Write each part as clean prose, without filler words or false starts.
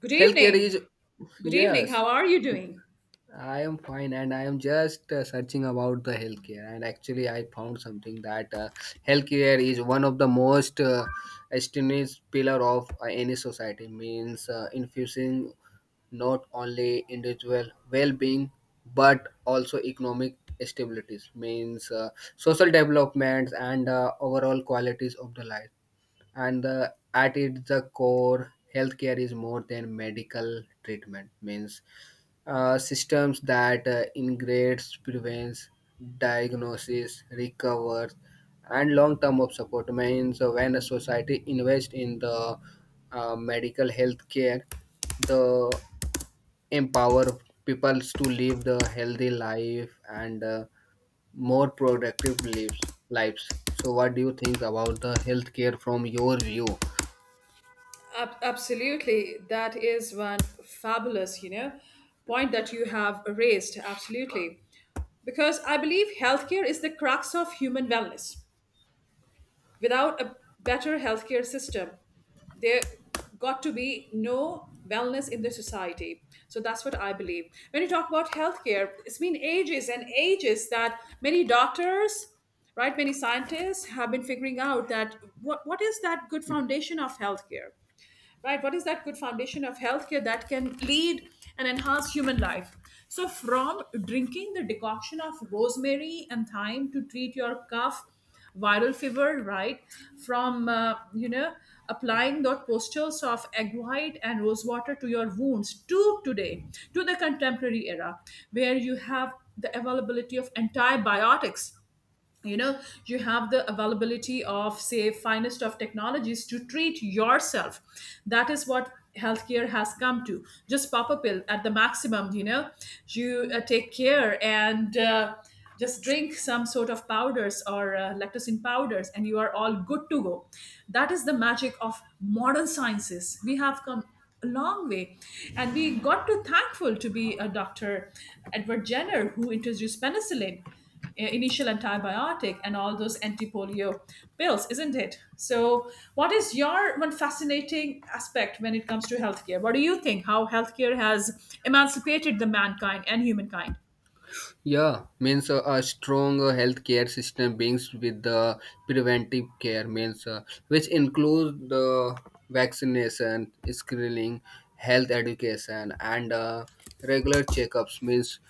Good Healthcare evening. is Good evening. Yes, How are you doing? I am fine, and I am just searching about the healthcare, and actually I found something that healthcare is one of the most esteemed pillar of any society. Means infusing not only individual well-being but also economic stabilities, means social developments and overall qualities of the life. And at its the core, healthcare is more than medical treatment, means systems that integrates, prevents, diagnosis, recovers, and long term of support. Means when a society invests in the medical healthcare, the empower people to live the healthy life and more productive lives. So what do you think about the healthcare from your view? Absolutely. That is one fabulous, you know, point that you have raised. Absolutely. Because I believe healthcare is the crux of human wellness. Without a better healthcare system, there got to be no wellness in the society. So that's what I believe. When you talk about healthcare, it's been ages and ages that many doctors, right, many scientists have been figuring out that what is that good foundation of healthcare? Right? What is that good foundation of healthcare that can lead and enhance human life? So, from drinking the decoction of rosemary and thyme to treat your cough, viral fever, right? From, you know, applying the postures of egg white and rose water to your wounds to today, to the contemporary era, where you have the availability of antibiotics. You know, you have the availability of say finest of technologies to treat yourself. That is what healthcare has come to. Just pop a pill at the maximum, you know, you take care, and just drink some sort of powders or lactosin powders, and you are all good to go. That is the magic of modern sciences. We have come a long way, and we got to thankful to be a doctor Edward Jenner, who introduced penicillin, initial antibiotic, and all those anti-polio pills, isn't it? So, what is your one fascinating aspect when it comes to healthcare? What do you think? How healthcare has emancipated the mankind and humankind? Yeah, means a strong healthcare system brings with the preventive care, means which includes the vaccination, screening, health education, and regular checkups. Means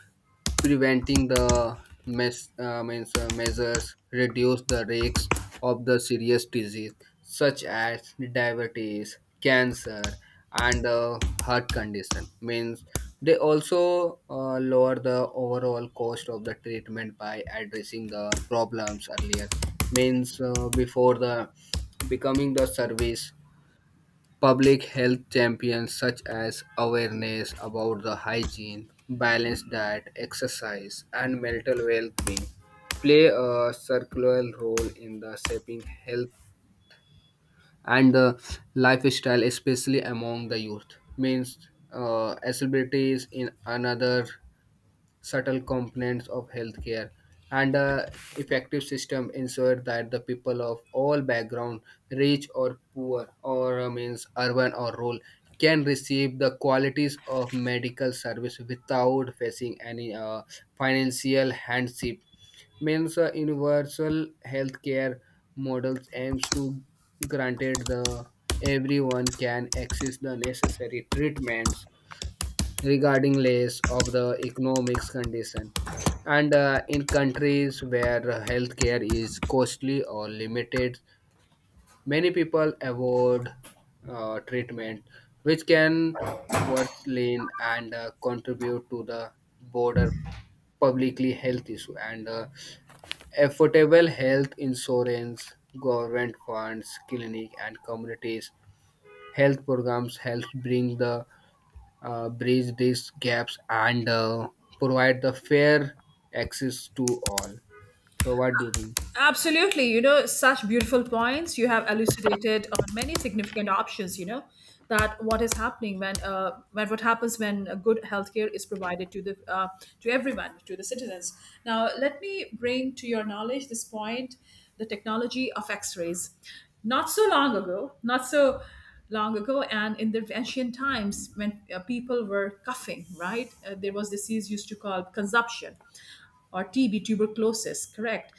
preventing the mes- means measures reduce the risks of the serious disease such as diabetes, cancer, and heart condition. Means they also lower the overall cost of the treatment by addressing the problems earlier, means before the becoming the service. Public health champions such as awareness about the hygiene, balanced diet, exercise, and mental well-being play a circular role in the shaping health and the lifestyle, especially among the youth. Means accessibility is in another subtle components of healthcare, and a effective system ensure that the people of all background, rich or poor, or means urban or rural, can receive the qualities of medical service without facing any financial hardship. Means a universal healthcare models aims to granted the everyone can access the necessary treatments regarding less of the economics condition. And in countries where healthcare is costly or limited, many people avoid treatment, which can worsen and contribute to the broader publicly health issue. And affordable health insurance, government funds clinic, and communities health programs help bring the bridge these gaps and provide the fair access to all. So, what do you think? Absolutely, you know, such beautiful points. You have elucidated on many significant options, you know, that what is happening when what happens when a good healthcare is provided to the to everyone, to the citizens. Now, let me bring to your knowledge this point: the technology of X-rays. Not so long ago, not so long ago, and in the ancient times when people were coughing, right? There was disease used to call consumption or TB, tuberculosis, correct.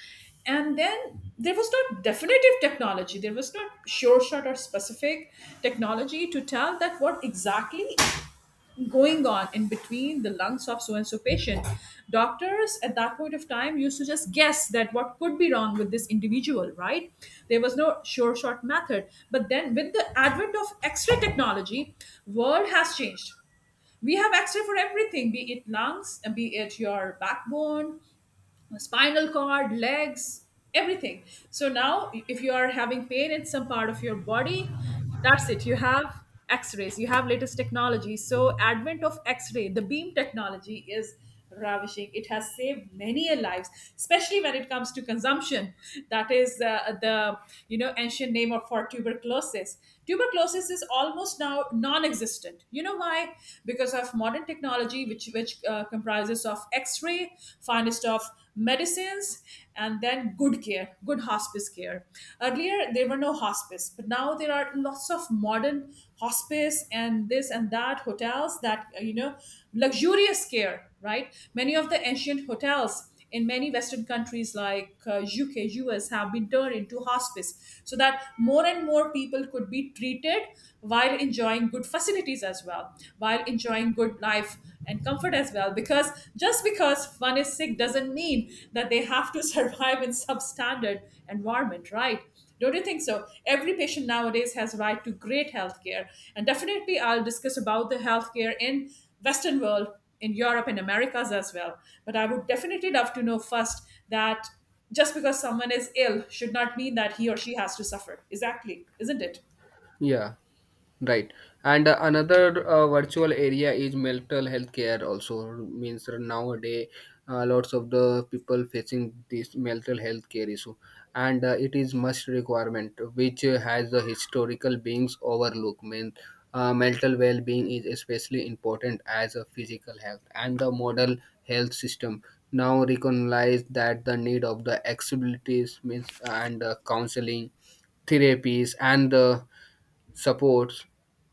And then there was not definitive technology. There was not sure shot or specific technology to tell that what exactly going on in between the lungs of so and so patient. Doctors at that point of time used to just guess that what could be wrong with this individual, right? There was no sure shot method. But then with the advent of X-ray technology, world has changed. We have x-ray for everything, be it lungs, be it your backbone, spinal cord, legs, everything. So now, if you are having pain in some part of your body, that's it. You have X-rays. You have latest technology. So advent of X-ray, the beam technology is ravishing. It has saved many a lives, especially when it comes to consumption. That is the, you know, ancient name of for tuberculosis. Tuberculosis is almost now non-existent. You know why? Because of modern technology, which comprises of X-ray, finest of medicines, and then good care, good hospice care. Earlier there were no hospice, but now there are lots of modern hospice and this and that hotels that, you know, luxurious care, right? Many of the ancient hotels in many western countries like UK, US have been turned into hospice so that more and more people could be treated while enjoying good facilities as well, while enjoying good life and comfort as well. Because just because one is sick doesn't mean that they have to survive in substandard environment, right? Don't you think so? Every patient nowadays has right to great healthcare, and definitely I'll discuss about the healthcare in western world, in Europe and Americas as well. But I would definitely love to know first that just because someone is ill should not mean that he or she has to suffer. Exactly, isn't it? Yeah, right. And another virtual area is mental health care. Also means nowadays, lots of the people facing this mental health care issue, and it is must requirement which has the historical beings overlook. Means mental well-being is especially important as a physical health, and the model health system now recognize that the need of the accessibilities, means, and counseling therapies and the supports.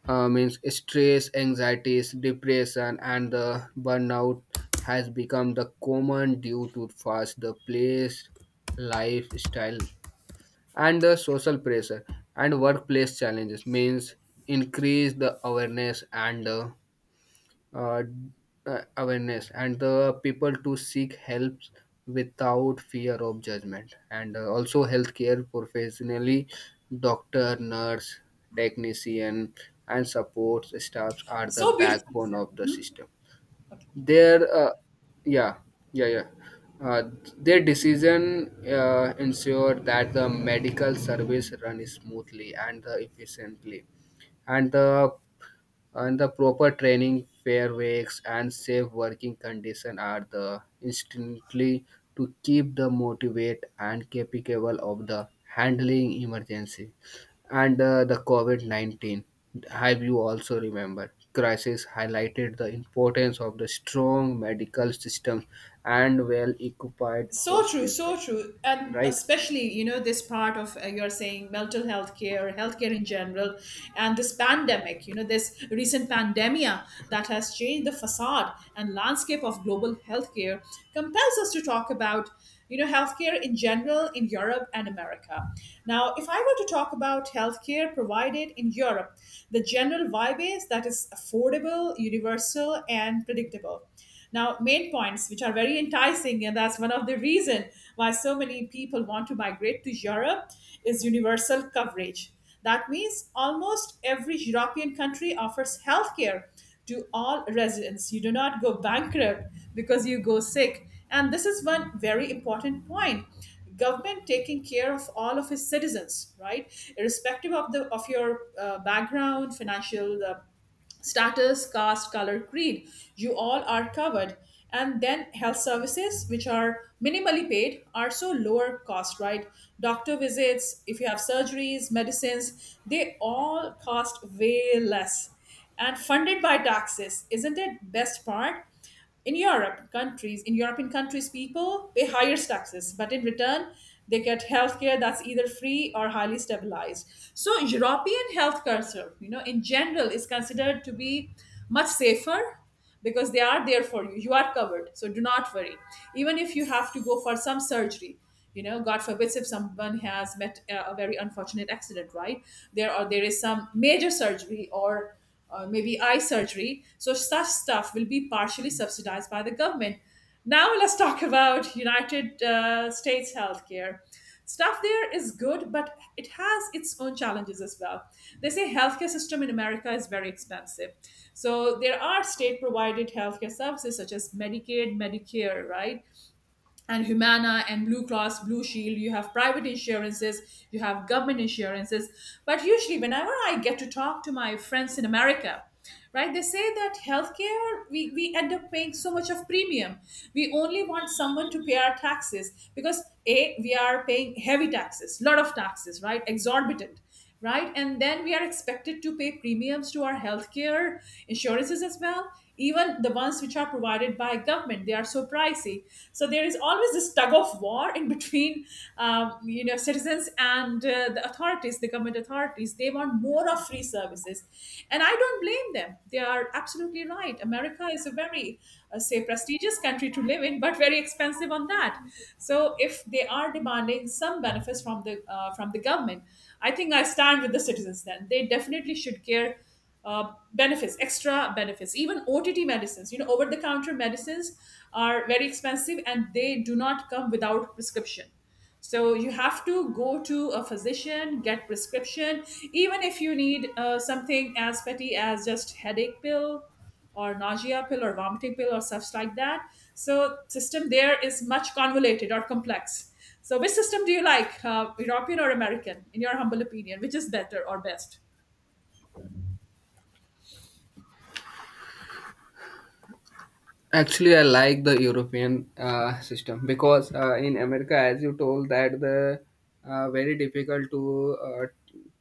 Means stress, anxieties, depression, and the burnout has become the common due to fast the place, lifestyle, and the social pressure and workplace challenges, means increase the awareness and uh, awareness and the people to seek help without fear of judgment. And also, healthcare professionally, doctor, nurse, technician, and support staffs are the So beautifully backbone said. of the Mhm. system. Their Yeah, yeah, yeah, uh, their decision ensure that the medical service run smoothly and efficiently. And the and the proper training, fair wakes, and safe working condition are the instantly to keep the motivate and capable of the handling emergency and the COVID-19. Have you also remembered? Crisis highlighted the importance of the strong medical system and well-equipped hospital, So true, and right? especially you know this part of, you're saying mental health care, healthcare in general, and this pandemic. You know this recent pandemia that has changed the facade and landscape of global healthcare, compels us to talk about, you know, healthcare in general in Europe and America. Now, if I were to talk about healthcare provided in Europe, the general vibe is that it's affordable, universal, and predictable. Now, main points which are very enticing, and that's one of the reason why so many people want to migrate to Europe is universal coverage. That means almost every European country offers healthcare to all residents. You do not go bankrupt because you go sick. And this is one very important point. Government taking care of all of its citizens, right? Irrespective of the of your background, financial status, caste, color, creed. You all are covered. And then health services, which are minimally paid, are so lower cost, right? Doctor visits, if you have surgeries, medicines, they all cost way less and funded by taxes. Isn't it best part? In Europe countries, in European countries, people pay higher taxes, but in return, they get healthcare that's either free or highly stabilized. So European health culture, you know, in general, is considered to be much safer because they are there for you. You are covered, so do not worry. Even if you have to go for some surgery, you know, God forbids if someone has met a very unfortunate accident, right? There or there is some major surgery or maybe eye surgery. So such stuff will be partially subsidized by the government. Now let's talk about United States healthcare. Stuff there is good, but it has its own challenges as well. They say healthcare system in America is very expensive. So there are state provided healthcare services such as Medicaid, Medicare, right? And Humana and Blue Cross, Blue Shield. You have private insurances, you have government insurances. But usually, whenever I get to talk to my friends in America, right, they say that healthcare, we end up paying so much of premium. We only want someone to pay our taxes because A, we are paying heavy taxes, lot of taxes, right, exorbitant, right? And then we are expected to pay premiums to our healthcare insurances as well, even the ones which are provided by government. They are so pricey. So there is always this tug of war in between, you know, citizens and the authorities, the government authorities. They want more of free services, and I don't blame them. They are absolutely right. America is a very, say, prestigious country to live in, but very expensive on that. So if they are demanding some benefits from the government, I think I stand with the citizens. Then they definitely should care. Benefits, extra benefits, even OTT medicines. You know, over the counter medicines are very expensive and they do not come without prescription. So you have to go to a physician, get prescription, even if you need something as petty as just headache pill or nausea pill or vomiting pill or stuff like that. So system there is much convoluted or complex. So which system do you like, European or American, in your humble opinion, which is better or best? Actually, I like the European system, because in America, as you told, that the very difficult to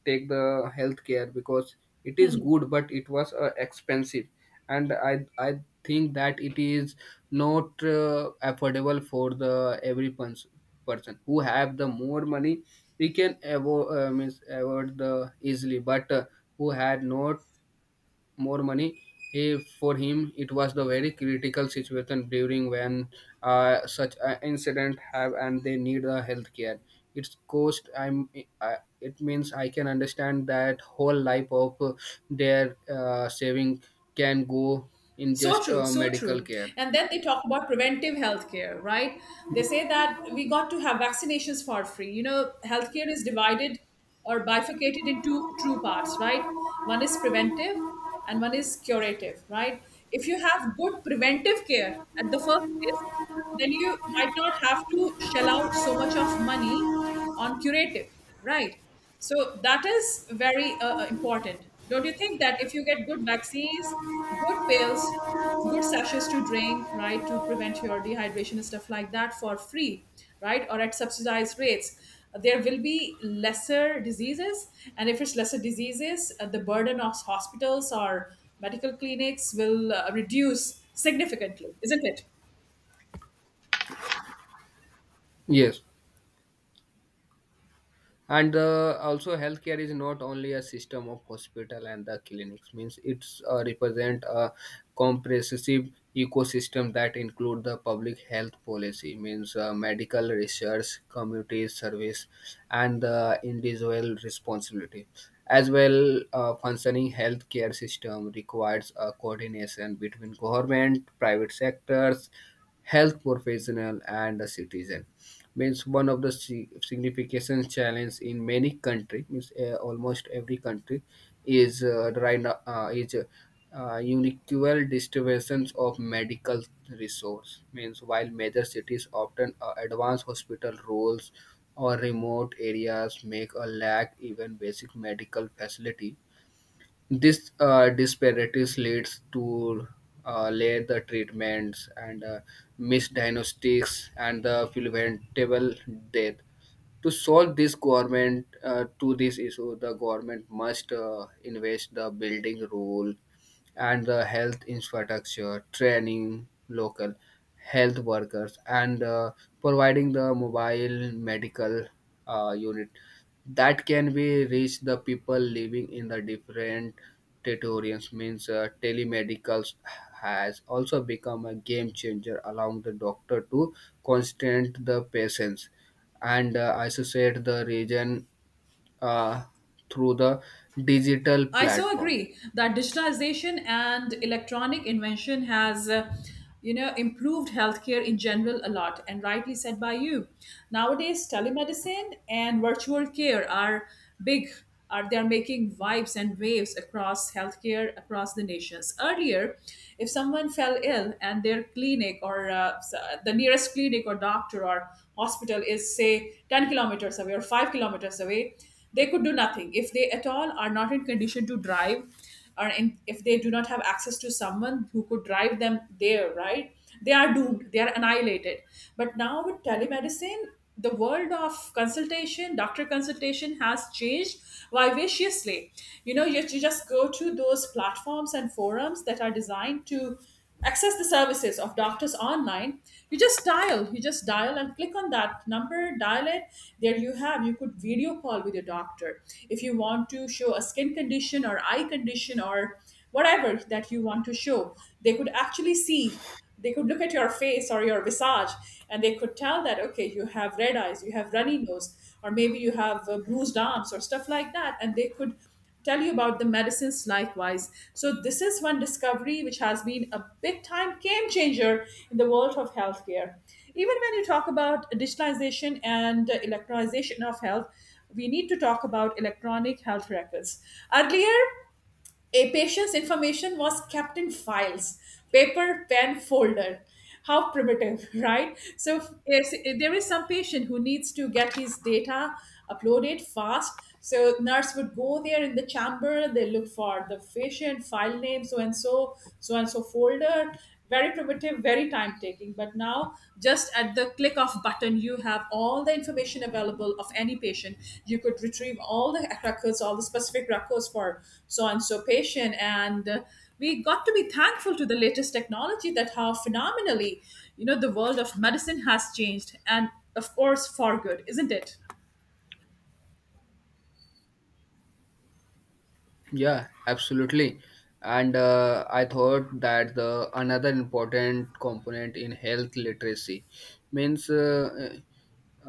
take the healthcare, because it is good, but it was expensive, and I think that it is not affordable for the every person who have the more money. We can avo- means avoid the easily, but who had not more money. For him, it was the very critical situation during when such an incident have and they need the health care. It's cost. I'm. I, it means I can understand that whole life of their saving can go in So just true, so medical true. care. And then they talk about preventive healthcare, right? They say that we got to have vaccinations for free. You know, healthcare is divided or bifurcated into two parts, right? One is preventive and one is curative, right? If you have good preventive care at the first place, then you might not have to shell out so much of money on curative, right? So that is very important. Don't you think that if you get good vaccines, good pills, good sachets to drink, right, to prevent your dehydration and stuff like that for free, right, or at subsidized rates, there will be lesser diseases. And if it's lesser diseases, the burden of hospitals or medical clinics will reduce significantly, isn't it? Yes. And also, healthcare is not only a system of hospital and the clinics, means it's represent a comprehensive ecosystem that include the public health policy, means medical research, community service, and the individual responsibility as well. Functioning healthcare system requires a coordination between government, private sectors, health professional, and the citizen. Means one of the significant challenge in many country, means almost every country is right now, is unequal distributions of medical resource. Means while major cities often advance hospital roles, or remote areas make a lack even basic medical facility. This disparities leads to later treatments and misdiagnostics and the preventable death. To solve this government to this issue, the government must invest the building rule and the health infrastructure, training local health workers, and providing the mobile medical unit that can be reach the people living in the different territories. Means telemedicals has also become a game changer, allowing the doctor to constant the patients and associate the region uh, through the digital I so platform. agree that digitization and electronic invention has, you know, improved healthcare in general a lot, and rightly said by you. Nowadays, telemedicine and virtual care are big. Are they are making vibes and waves across healthcare across the nations. Earlier, if someone fell ill and their clinic or the nearest clinic or doctor or hospital is say 10 kilometers away or 5 kilometers away, they could do nothing if they at all are not in condition to drive, or in, if they do not have access to someone who could drive them there, right? They are doomed, they are annihilated. But now with telemedicine, the world of consultation, doctor consultation, has changed vivaciously. You know, you just go to those platforms and forums that are designed to access the services of doctors online. You just dial and click on that number, dial it. There you have, you could video call with your doctor. If you want to show a skin condition or eye condition or whatever that you want to show, they could actually see. They could look at your face or your visage, and they could tell that, okay, you have red eyes, you have runny nose, or maybe you have bruised arms or stuff like that, and they could tell you about the medicines likewise. So this is one discovery which has been a big time game changer in the world of healthcare. Even when you talk about digitalization and electronization of health, we need to talk about electronic health records. Earlier, a patient's information was kept in files, paper, pen, folder. How primitive, right? So if there is some patient who needs to get his data uploaded fast. So nurse would go there in the chamber. They look for the patient file name, so and so folder. Very primitive, very time taking, but now just at the click of button you have all the information available of any patient. You could retrieve all the records, all the specific records for so and so patient, and we got to be thankful to the latest technology, that how phenomenally, you know, the world of medicine has changed, and of course for good, isn't it? Yeah, absolutely. And I thought that the another important component in health literacy, means uh, uh,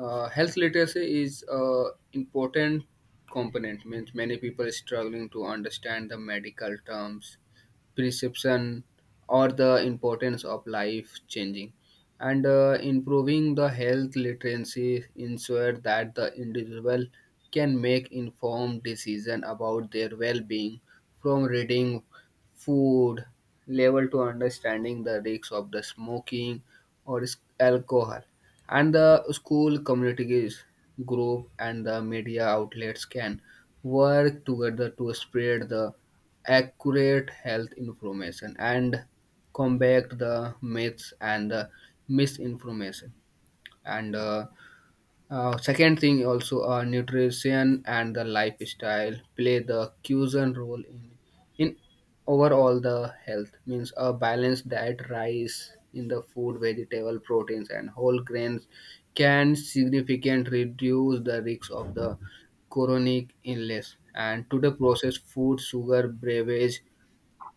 uh, health literacy is a important component. Means many people are struggling to understand the medical terms, prescription, or the importance of life changing. And improving the health literacy ensure that the individual can make informed decision about their well-being, from reading food label to understanding the risks of the smoking or alcohol. And the school, communities group, and the media outlets can work together to spread the accurate health information and combat the myths and the misinformation. And second thing, also nutrition and the lifestyle play the crucial role in overall the health. Means a balanced diet rice in the food, vegetable, proteins, and whole grains can significantly reduce the risk of the chronic illness. And to the processed food, sugar beverage,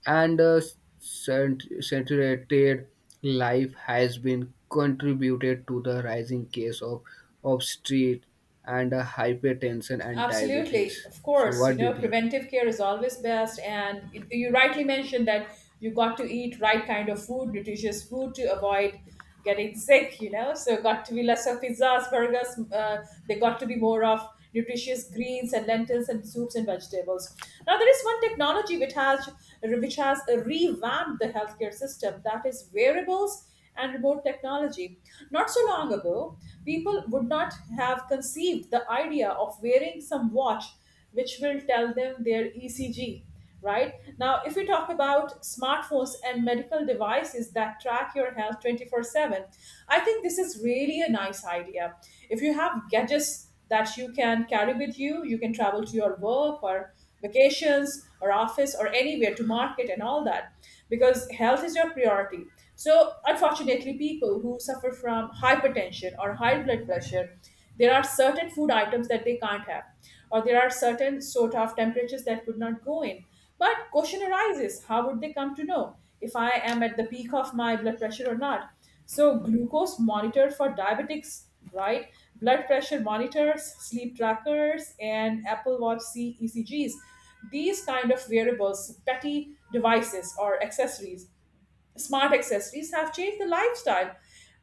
and saturated life has been contributed to the rising case of obesity and hypertension and Absolutely, diabetes. of So course. You what do you know, think? preventive care is always best, and you rightly mentioned that you got to eat right kind of food, nutritious food, to avoid getting sick. You know, so got to be less of pizzas, burgers. They got to be more of nutritious greens and lentils and soups and vegetables. Now there is one technology which has, revamped the healthcare system, that is wearables and remote technology. Not so long ago, people would not have conceived the idea of wearing some watch which will tell them their ECG. Right now, if we talk about smartphones and medical devices that track your health 24/7, I think this is really a nice idea. If you have gadgets that you can carry with you, you can travel to your work or vacations or office or anywhere, to market and all that, because health is your priority. So, unfortunately, people who suffer from hypertension or high blood pressure, there are certain food items that they can't have, or there are certain sort of temperatures that could not go in. But question arises, how would they come to know if I am at the peak of my blood pressure or not? So, glucose monitor for diabetics, right? Blood pressure monitors, sleep trackers, and Apple Watch CEC Gs, these kind of wearables, petty devices or accessories, smart accessories, have changed the lifestyle.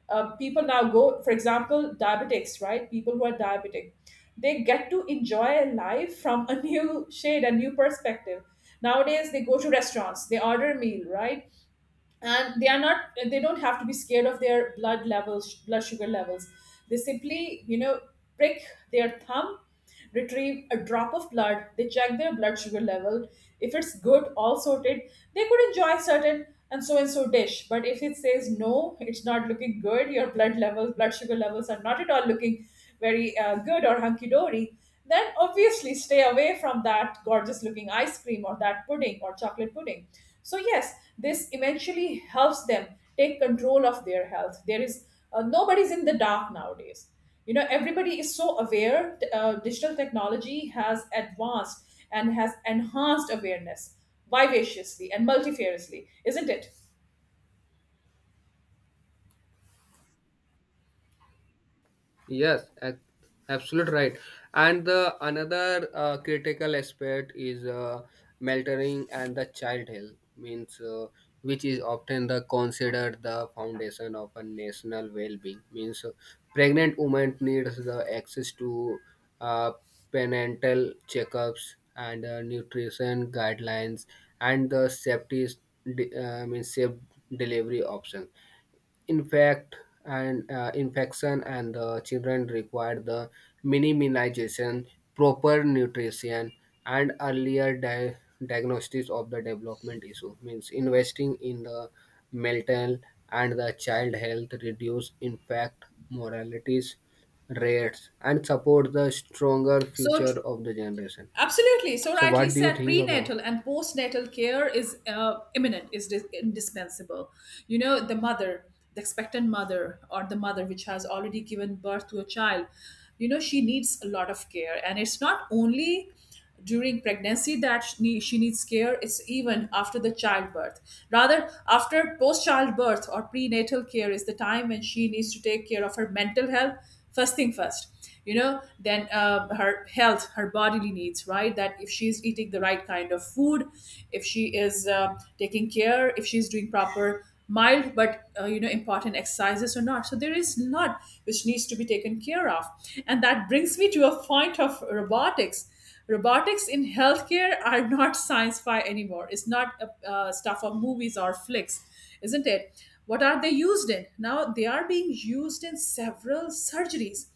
People now go, for example, diabetics, right? People who are diabetic, they get to enjoy life from a new shade, a new perspective. Nowadays, they go to restaurants, they order a meal, right? And they are not, they don't have to be scared of their blood levels, blood sugar levels. They simply, you know, prick their thumb, retrieve a drop of blood, they check their blood sugar level. If it's good, all sorted, they could enjoy certain and so dish. But if it says no, it's not looking good, your blood levels, blood sugar levels are not at all looking very good or hunky dory, then obviously stay away from that gorgeous looking ice cream or that pudding or chocolate pudding. So, yes, this eventually helps them take control of their health. There is nobody's in the dark nowadays. You know, everybody is so aware. Digital technology has advanced and has enhanced awareness vivaciously and multifariously, isn't it? Yes, absolute right. And the another critical aspect is mentoring and the child health, means which is often the considered the foundation of a national well-being. Means pregnant women needs the access to uh, prenatal checkups and nutrition guidelines and the safety d- means safe delivery options. infect Infection and the children require the minimization, proper nutrition, and earlier diagnosis of the development issue. Means investing in the mental and the child health reduce infect mortalities rates and support the stronger So future true. of the generation. Absolutely. So So rightly what do you said, think about? prenatal and postnatal care is imminent, is indispensable. You know, the mother, the expectant mother, or the mother which has already given birth to a child, you know, she needs a lot of care. And it's not only during pregnancy that she needs care, it's even after the childbirth. Rather, after post childbirth or prenatal care is the time when she needs to take care of her mental health, first thing first, you know. Then her health, her bodily needs, right, that if she's eating the right kind of food, if she is taking care, if she's doing proper mild but, you know, important exercises or not. So there is a lot which needs to be taken care of. And that brings me to a point of robotics. Robotics in healthcare are not science fi anymore. It's not stuff of movies or flicks, isn't it? What are they used in? Now they are being used in several surgeries.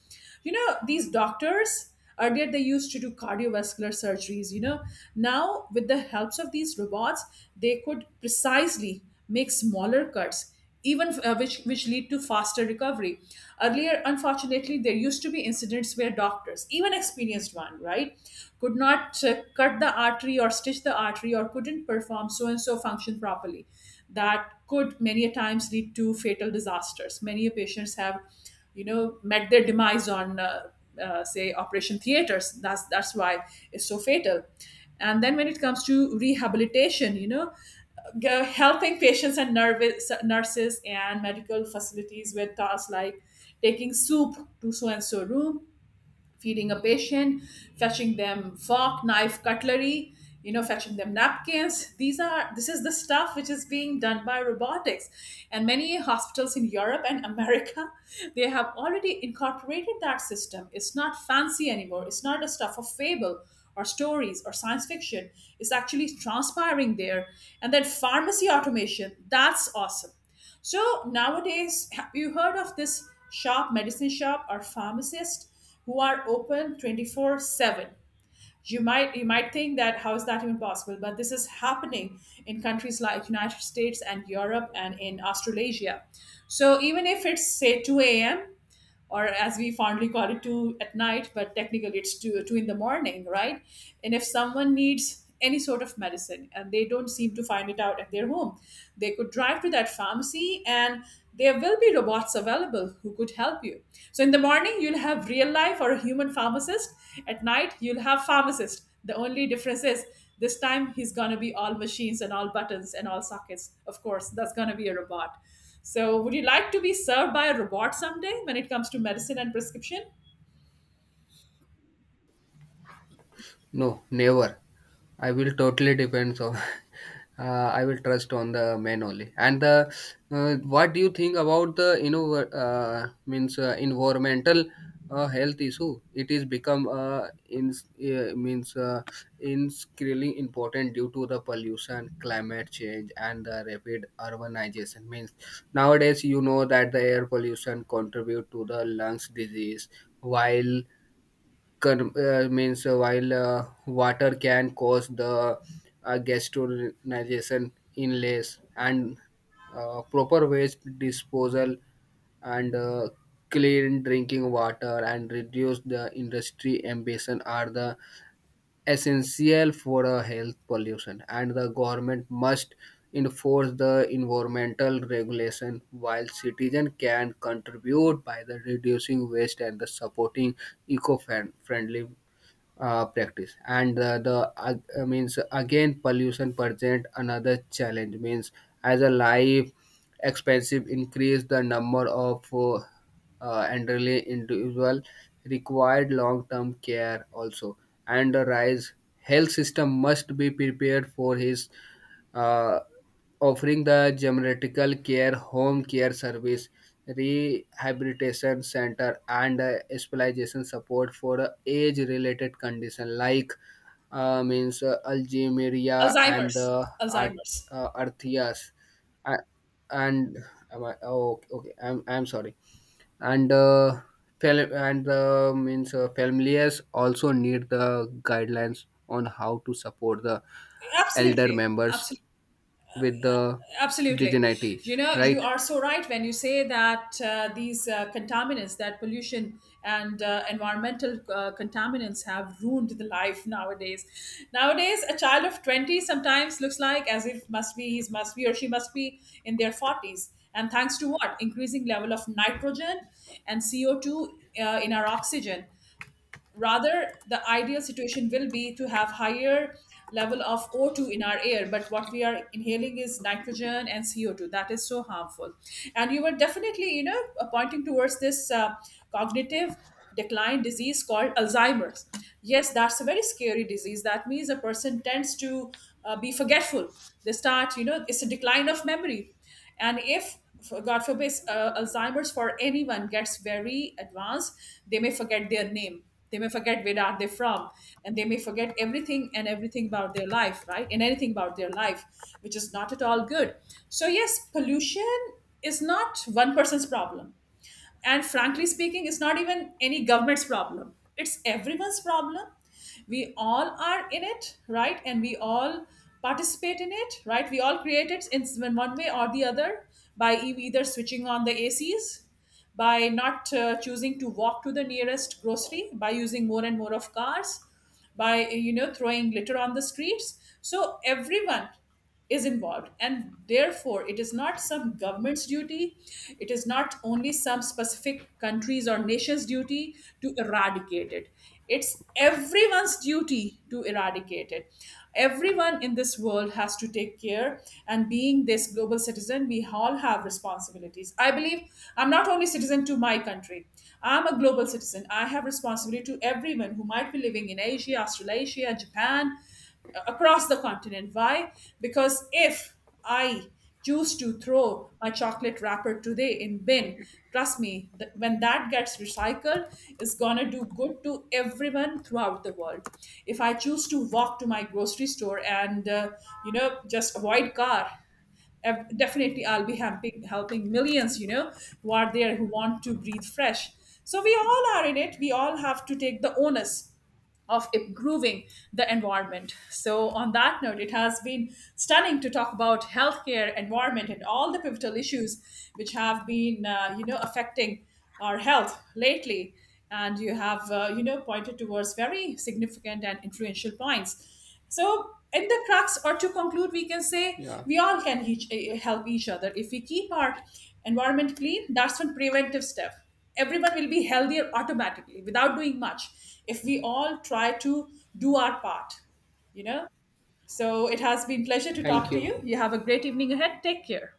You know, these doctors, earlier they used to do cardiovascular surgeries, you know, now with the helps of these robots, they could precisely make smaller cuts even, which lead to faster recovery. Earlier, unfortunately, there used to be incidents where doctors, even experienced one, right, could not cut the artery or stitch the artery or couldn't perform so and so function properly. That could many a times lead to fatal disasters. Many a patients have, you know, met their demise on, say, operation theaters. That's why it's so fatal. And then when it comes to rehabilitation, you know, helping patients and nervous, nurses and medical facilities with tasks like taking soup to so and so room, feeding a patient, fetching them fork, knife, cutlery, you know, fetching them napkins. These are This is the stuff which is being done by robotics. And many hospitals in Europe and America, they have already incorporated that system. It's not fancy anymore. It's not a stuff of fable or stories or science fiction. It's actually transpiring there. And then pharmacy automation, that's awesome. So nowadays, have you heard of this shop, medicine shop, or pharmacist who are open 24/7? You might think that how is that even possible? But this is happening in countries like United States and Europe and in Australasia. So even if it's say 2 a.m, or as we fondly call it, two at night, but technically it's two in the morning, right? And if someone needs any sort of medicine and they don't seem to find it out at their home, they could drive to that pharmacy, and there will be robots available who could help you. So in the morning, you'll have real life or a human pharmacist. At night, you'll have pharmacist. The only difference is this time he's going to be all machines and all buttons and all sockets. Of course, that's going to be a robot. So, would you like to be served by a robot someday when it comes to medicine and prescription? No, never. I will totally depends on. I will trust on the man only. And the what do you think about the you know means environmental health issue? It is become in means increasingly important due to the pollution, climate change, and the rapid urbanization. Means nowadays you know that the air pollution contribute to the lungs disease, while Con- means while water can cause the gastronization inlays. And proper waste disposal and clean drinking water and reduce the industry ambition are the essential for health pollution. And the government must enforce the environmental regulation, while citizen can contribute by the reducing waste and the supporting eco-friendly practice. And the ag- means again, pollution present another challenge. Means as a life expensive, increase the number of elderly individual required long-term care also. And the rise health system must be prepared for his uh, offering the geriatrical care, home care service, rehabilitation center, and specialization support for age-related condition like means Algeria and Alzheimer's. the art, Alzheimer's. Arthias. A- and oh, okay, okay, I'm sorry. And fel- and means families also need the guidelines on how to support the elder Absolutely. members Absolutely. with the Absolutely, digenities, you know, you right? are so right when you say that these contaminants, that pollution and environmental contaminants have ruined the life nowadays. Nowadays a child of 20 sometimes looks like as if, must be he's, must be, or she must be in their 40s, and thanks to what? Increasing level of nitrogen and CO2 in our oxygen. Rather, the ideal situation will be to have higher level of O2 in our air, but what we are inhaling is nitrogen and CO2, that is so harmful. And you were definitely, you know, pointing towards this cognitive decline disease called Alzheimer's. Yes, that's a very scary disease. That means a person tends to be forgetful. They start, you know, it's a decline of memory. And if, god forbid, Alzheimer's for anyone gets very advanced, they may forget their name, they may forget where are they from, and they may forget everything and everything about their life, right, and anything about their life, which is not at all good. So yes, pollution is not one person's problem, and frankly speaking, it's not even any government's problem, it's everyone's problem. We all are in it, right, and we all participate in it, right. We all create it in one way or the other, by either switching on the acs, by not choosing to walk to the nearest grocery, by using more and more of cars, by, you know, throwing litter on the streets. So everyone is involved, and therefore it is not some government's duty, it is not only some specific countries or nations duty to eradicate it, it's everyone's duty to eradicate it. Everyone in this world has to take care, and being this global citizen, we all have responsibilities. I believe I'm not only citizen to my country, I'm a global citizen. I have responsibility to everyone who might be living in Asia, Australasia, Japan, across the continent. Why? Because if I choose to throw my chocolate wrapper today in bin, trust me, when that gets recycled, it's gonna do good to everyone throughout the world. If I choose to walk to my grocery store and you know just avoid car, definitely I'll be helping millions, you know, who are there who want to breathe fresh. So we all are in it. We all have to take the onus of improving the environment. So, on that note, it has been stunning to talk about healthcare, environment, and all the pivotal issues which have been, you know, affecting our health lately. And you have, you know, pointed towards very significant and influential points. So, in the crux, or to conclude, we can say Yeah. we all can help each other if we keep our environment clean. That's one preventive step. Everyone will be healthier automatically without doing much if we all try to do our part, you know. So it has been pleasure to talk Thank to you. you. You have a great evening ahead. Take care.